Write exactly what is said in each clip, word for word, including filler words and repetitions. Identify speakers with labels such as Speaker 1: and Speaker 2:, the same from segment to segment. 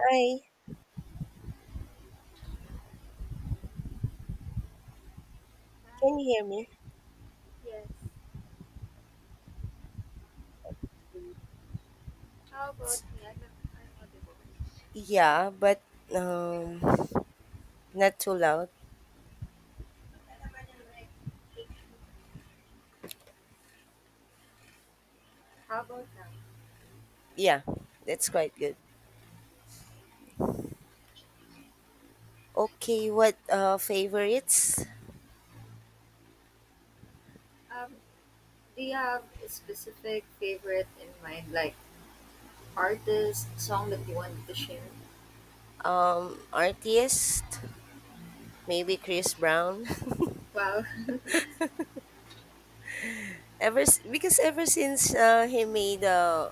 Speaker 1: Hi, can
Speaker 2: Hi.
Speaker 1: you hear me?
Speaker 2: Yes. How about me? I'm, I'm audible.
Speaker 1: Yeah, but um, not too loud.
Speaker 2: Thank you. How about now?
Speaker 1: Yeah, that's quite good. Okay, what uh favorites?
Speaker 2: Um, do you have a specific favorite in mind, like artist, song that you wanted to share?
Speaker 1: Um, artist maybe Chris Brown.
Speaker 2: Wow.
Speaker 1: Ever s- because ever since uh, he made uh,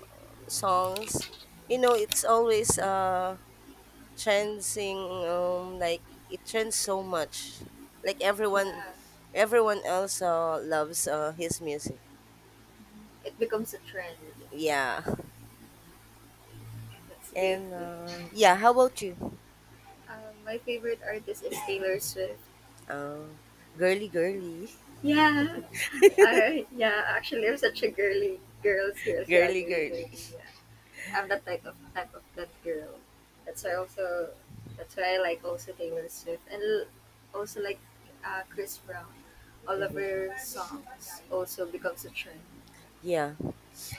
Speaker 1: songs, you know, it's always uh trending. Um, like it trends so much. Like everyone,
Speaker 2: Yeah.
Speaker 1: everyone else uh, loves uh, his music.
Speaker 2: It becomes a trend.
Speaker 1: Yeah.
Speaker 2: That's a good
Speaker 1: And
Speaker 2: thing.
Speaker 1: uh, yeah, how about you?
Speaker 2: Um, my favorite artist is Taylor Swift.
Speaker 1: Um, girly, girly,
Speaker 2: Yeah. I yeah. Actually, I'm such a girly girls girls. Yeah,
Speaker 1: girly,
Speaker 2: girly
Speaker 1: girly.
Speaker 2: girly. Yeah. I'm that type of type of that girl. That's why
Speaker 1: Yeah,
Speaker 2: also that's why I like also Taylor Swift and l- also like uh, Chris Brown. All of her songs also becomes a trend
Speaker 1: yeah.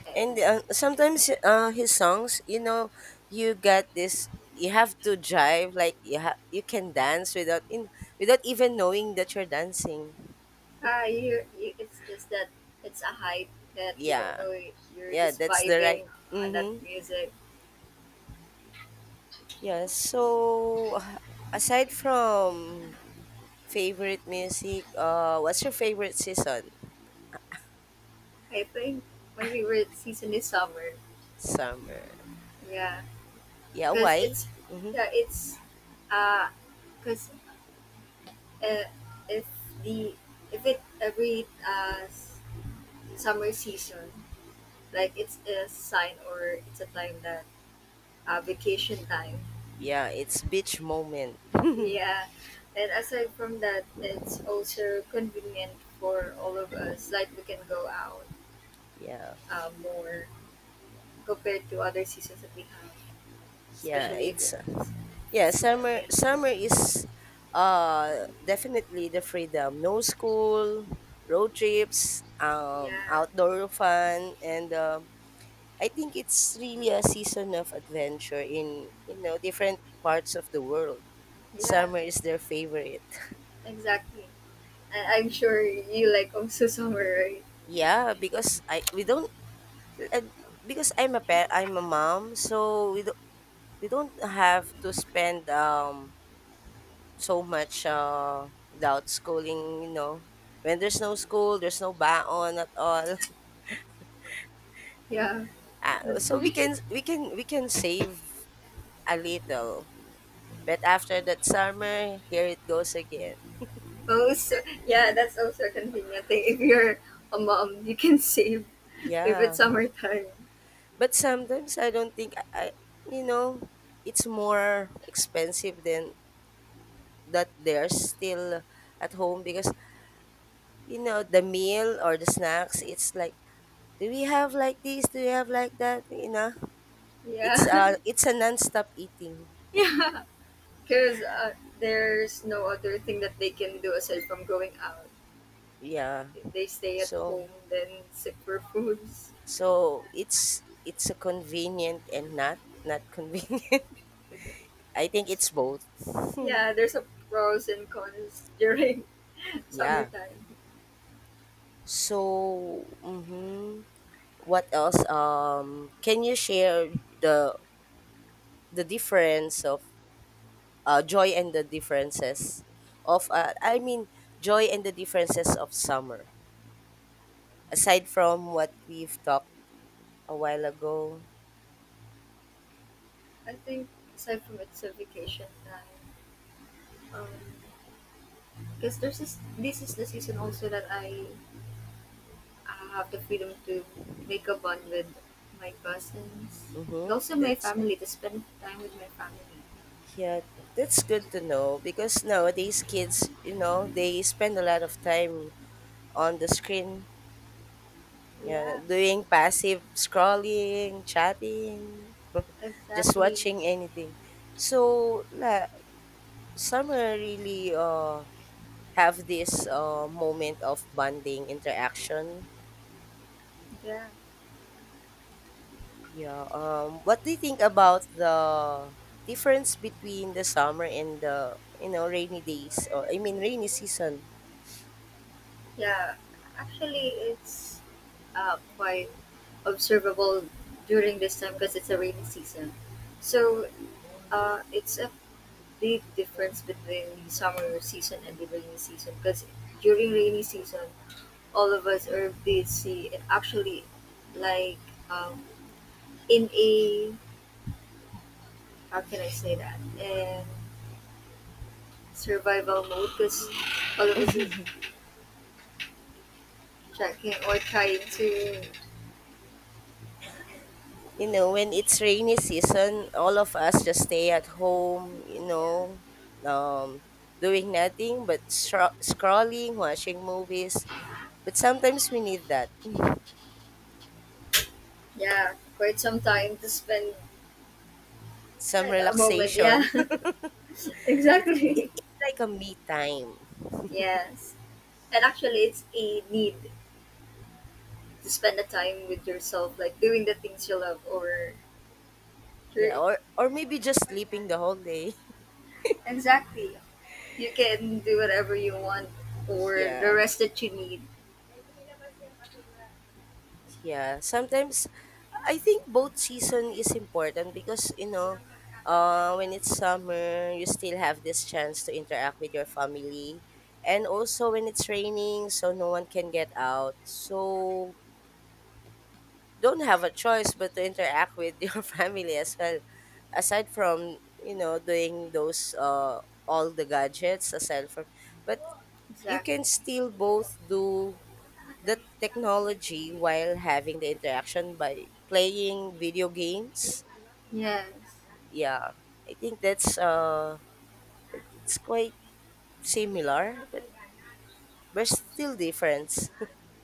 Speaker 2: and
Speaker 1: And uh, sometimes uh, his songs, you know, you get this. You have to drive like you have. You can dance without in without even knowing that you're dancing.
Speaker 2: ah, you, you it's just that it's a hype that you don't
Speaker 1: Yeah,
Speaker 2: know you're
Speaker 1: yeah.
Speaker 2: just
Speaker 1: That's the right.
Speaker 2: vibing on that
Speaker 1: Mm-hmm.
Speaker 2: music.
Speaker 1: Yeah. So aside from favorite music, uh, what's your favorite season?
Speaker 2: I think my favorite season is summer.
Speaker 1: Summer.
Speaker 2: Yeah,
Speaker 1: Yeah.
Speaker 2: because
Speaker 1: Why?
Speaker 2: it's
Speaker 1: Mm-hmm.
Speaker 2: yeah it's uh because uh, if the if it every uh, s- summer season, like it's a sign or it's a time that, uh, vacation time.
Speaker 1: Yeah, it's beach moment.
Speaker 2: Yeah, and aside from that, it's also convenient for all of us, like we can go out
Speaker 1: Yeah.
Speaker 2: uh, more compared to other seasons that we have,
Speaker 1: yeah
Speaker 2: especially if
Speaker 1: it's
Speaker 2: it's, if
Speaker 1: yeah
Speaker 2: it's not
Speaker 1: summer
Speaker 2: raining.
Speaker 1: summer is uh definitely the freedom, no school, road trips, um
Speaker 2: Yeah,
Speaker 1: outdoor fun, and uh, I think it's really a season of adventure in, you know, different parts of the world.
Speaker 2: yeah,
Speaker 1: Summer is their favorite.
Speaker 2: exactly, and I'm sure you like also summer, right?
Speaker 1: Yeah, because I we don't, uh, because i'm a pa- I'm a mom, so we don't, we don't have to spend um so much, uh, without schooling, you know. When there's no school, there's no baon at all.
Speaker 2: Yeah,
Speaker 1: Uh,
Speaker 2: that's
Speaker 1: so we
Speaker 2: right.
Speaker 1: can we can we can save a little. But after that summer, here it goes again.
Speaker 2: Also, yeah, that's also a convenient thing. If you're a mom, you can save if
Speaker 1: Yeah.
Speaker 2: it's summertime.
Speaker 1: But sometimes I don't think I, I you know, it's more expensive than that they're still at home, because you know the meal or the snacks, it's like, do we have like this, do we have like that, you know. It's
Speaker 2: Yeah,
Speaker 1: a it's a non-stop eating.
Speaker 2: yeah, because uh, there's no other thing that they can do aside from going out.
Speaker 1: Yeah.
Speaker 2: If they stay at
Speaker 1: So
Speaker 2: home, then sip for foods.
Speaker 1: so it's it's a convenient and not not convenient. I think it's both.
Speaker 2: Yeah, there's a pros and cons during
Speaker 1: Yeah.
Speaker 2: summertime.
Speaker 1: So mhm, what else? Um, can you share the the difference of uh, joy and the differences of uh, I mean joy and the differences of summer aside from what we've talked a while ago.
Speaker 2: I think aside from it's a vacation time, because there's this, this is the season also that I I have the freedom to make a bond with my cousins, and
Speaker 1: Mm-hmm.
Speaker 2: also my
Speaker 1: That's.
Speaker 2: family, to spend time with my family.
Speaker 1: Yeah, that's good to know, because nowadays kids, you know, they spend a lot of time on the screen, yeah,
Speaker 2: Yeah,
Speaker 1: doing passive scrolling, chatting, just
Speaker 2: exactly.
Speaker 1: watching anything. So, la, some uh, really uh, have this uh, moment of bonding interaction.
Speaker 2: Yeah.
Speaker 1: Yeah. Um, what do you think about the difference between the summer and the, you know, rainy days, or I mean rainy season?
Speaker 2: Yeah, actually, it's uh, quite observable during this time because it's a rainy season. So uh, it's a big difference between the summer season and the rainy season because during rainy season, all of us are busy, and actually, like, um, in a, how can I say that, in survival mode, because all of us are checking or trying to,
Speaker 1: You know, when it's rainy season, all of us just stay at home, you
Speaker 2: yeah.
Speaker 1: know, um, doing nothing but stro- scrolling, watching movies. But sometimes we need that.
Speaker 2: Yeah, quite some time to spend,
Speaker 1: Some
Speaker 2: like a moment, yeah.
Speaker 1: relaxation. it, it
Speaker 2: Exactly.
Speaker 1: it's like a me time.
Speaker 2: Yes, and actually it's a need to spend the time with yourself, like doing the things you love, or your,
Speaker 1: Yeah, or or maybe just sleeping the whole day.
Speaker 2: exactly, you can do whatever you want, or the
Speaker 1: Yeah.
Speaker 2: rest that you need.
Speaker 1: Yeah, sometimes I think both season is important, because you know, uh, when it's summer, you still have this chance to interact with your family, and also when it's raining, so no one can get out, so don't have a choice but to interact with your family as well. Aside from, you know, doing those uh all the gadgets aside from, but you
Speaker 2: Exactly.
Speaker 1: can still both do the technology while having the interaction by playing video games.
Speaker 2: Yes.
Speaker 1: Yeah, I think that's uh, it's quite similar, but there's still difference.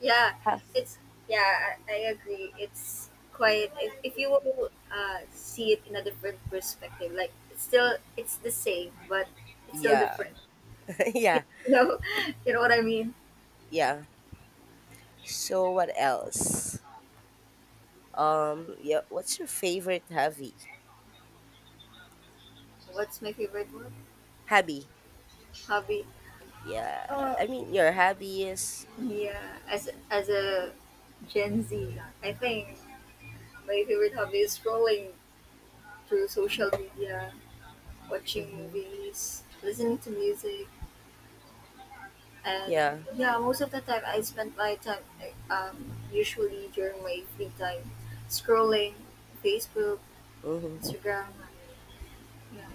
Speaker 2: Yeah,
Speaker 1: Ha-
Speaker 2: it's, yeah, I, I agree. It's quite, if, if you will uh, see it in a different perspective, like it's still it's the same, but it's still
Speaker 1: yeah,
Speaker 2: different.
Speaker 1: yeah,
Speaker 2: You know, you know what I mean.
Speaker 1: yeah. So what else? Um, yeah, what's your favorite hobby?
Speaker 2: What's my favorite word?
Speaker 1: Hobby.
Speaker 2: Hobby.
Speaker 1: Yeah,
Speaker 2: Uh,
Speaker 1: I mean your hobby is.
Speaker 2: Yeah, as as a Gen Z, I think my favorite hobby is scrolling through social media, watching
Speaker 1: Hmm.
Speaker 2: movies, listening to music. And
Speaker 1: Yeah.
Speaker 2: yeah, most of the time I spend my time like, um, usually during my free time scrolling Facebook,
Speaker 1: Hmm.
Speaker 2: Instagram.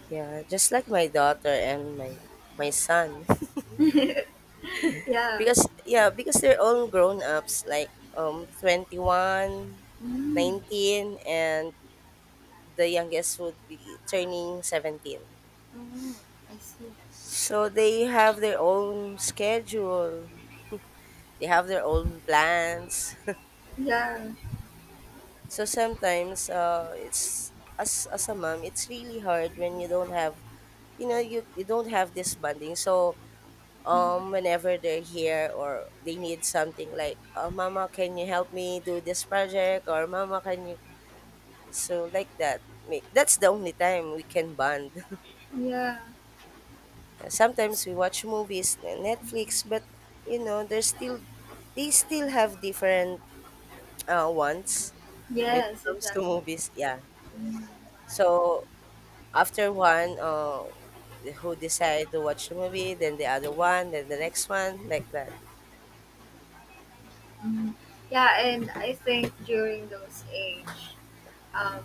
Speaker 1: Yeah. Just like my daughter and my my son.
Speaker 2: Yeah. Yeah.
Speaker 1: Because yeah, because they're all grown ups, like um twenty one,
Speaker 2: Mm.
Speaker 1: nineteen, and the youngest would be turning seventeen.
Speaker 2: Oh, I see.
Speaker 1: So they have their own schedule. They have their own plans.
Speaker 2: Yeah.
Speaker 1: So sometimes uh, it's, as as a mom, it's really hard when you don't have, you know, you, you don't have this bonding. So um whenever they're here or they need something, like, oh, mama, can you help me do this project, or mama can you. So like that, may- that's the only time we can bond.
Speaker 2: Yeah.
Speaker 1: Sometimes we watch movies, n- Netflix, but you know, there's still they still have different uh, wants when it
Speaker 2: Yes,
Speaker 1: comes to
Speaker 2: exactly.
Speaker 1: movies. Yeah. So after one, uh, who decide to watch the movie, then the other one, then the next one, like that.
Speaker 2: Hmm. Yeah, and I think during those age, um,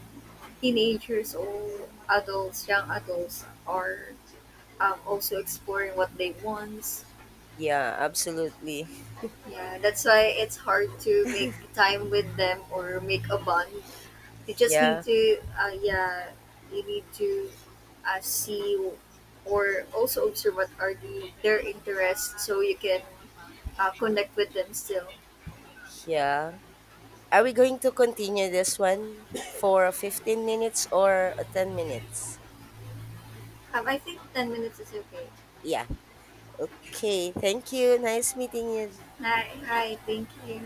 Speaker 2: teenagers or adults, young adults, are, um, also exploring what they want.
Speaker 1: Yeah, absolutely.
Speaker 2: Yeah, that's why it's hard to make time with them or make a bond. You just need
Speaker 1: Yeah,
Speaker 2: to, uh, yeah, you need to uh, see or also observe what are the their interests, so you can uh, connect with them still.
Speaker 1: yeah. Are we going to continue this one for fifteen minutes or ten minutes?
Speaker 2: Um, I think ten minutes is okay.
Speaker 1: Yeah. Okay, thank you. Nice meeting you,
Speaker 2: Hi, hi, thank you.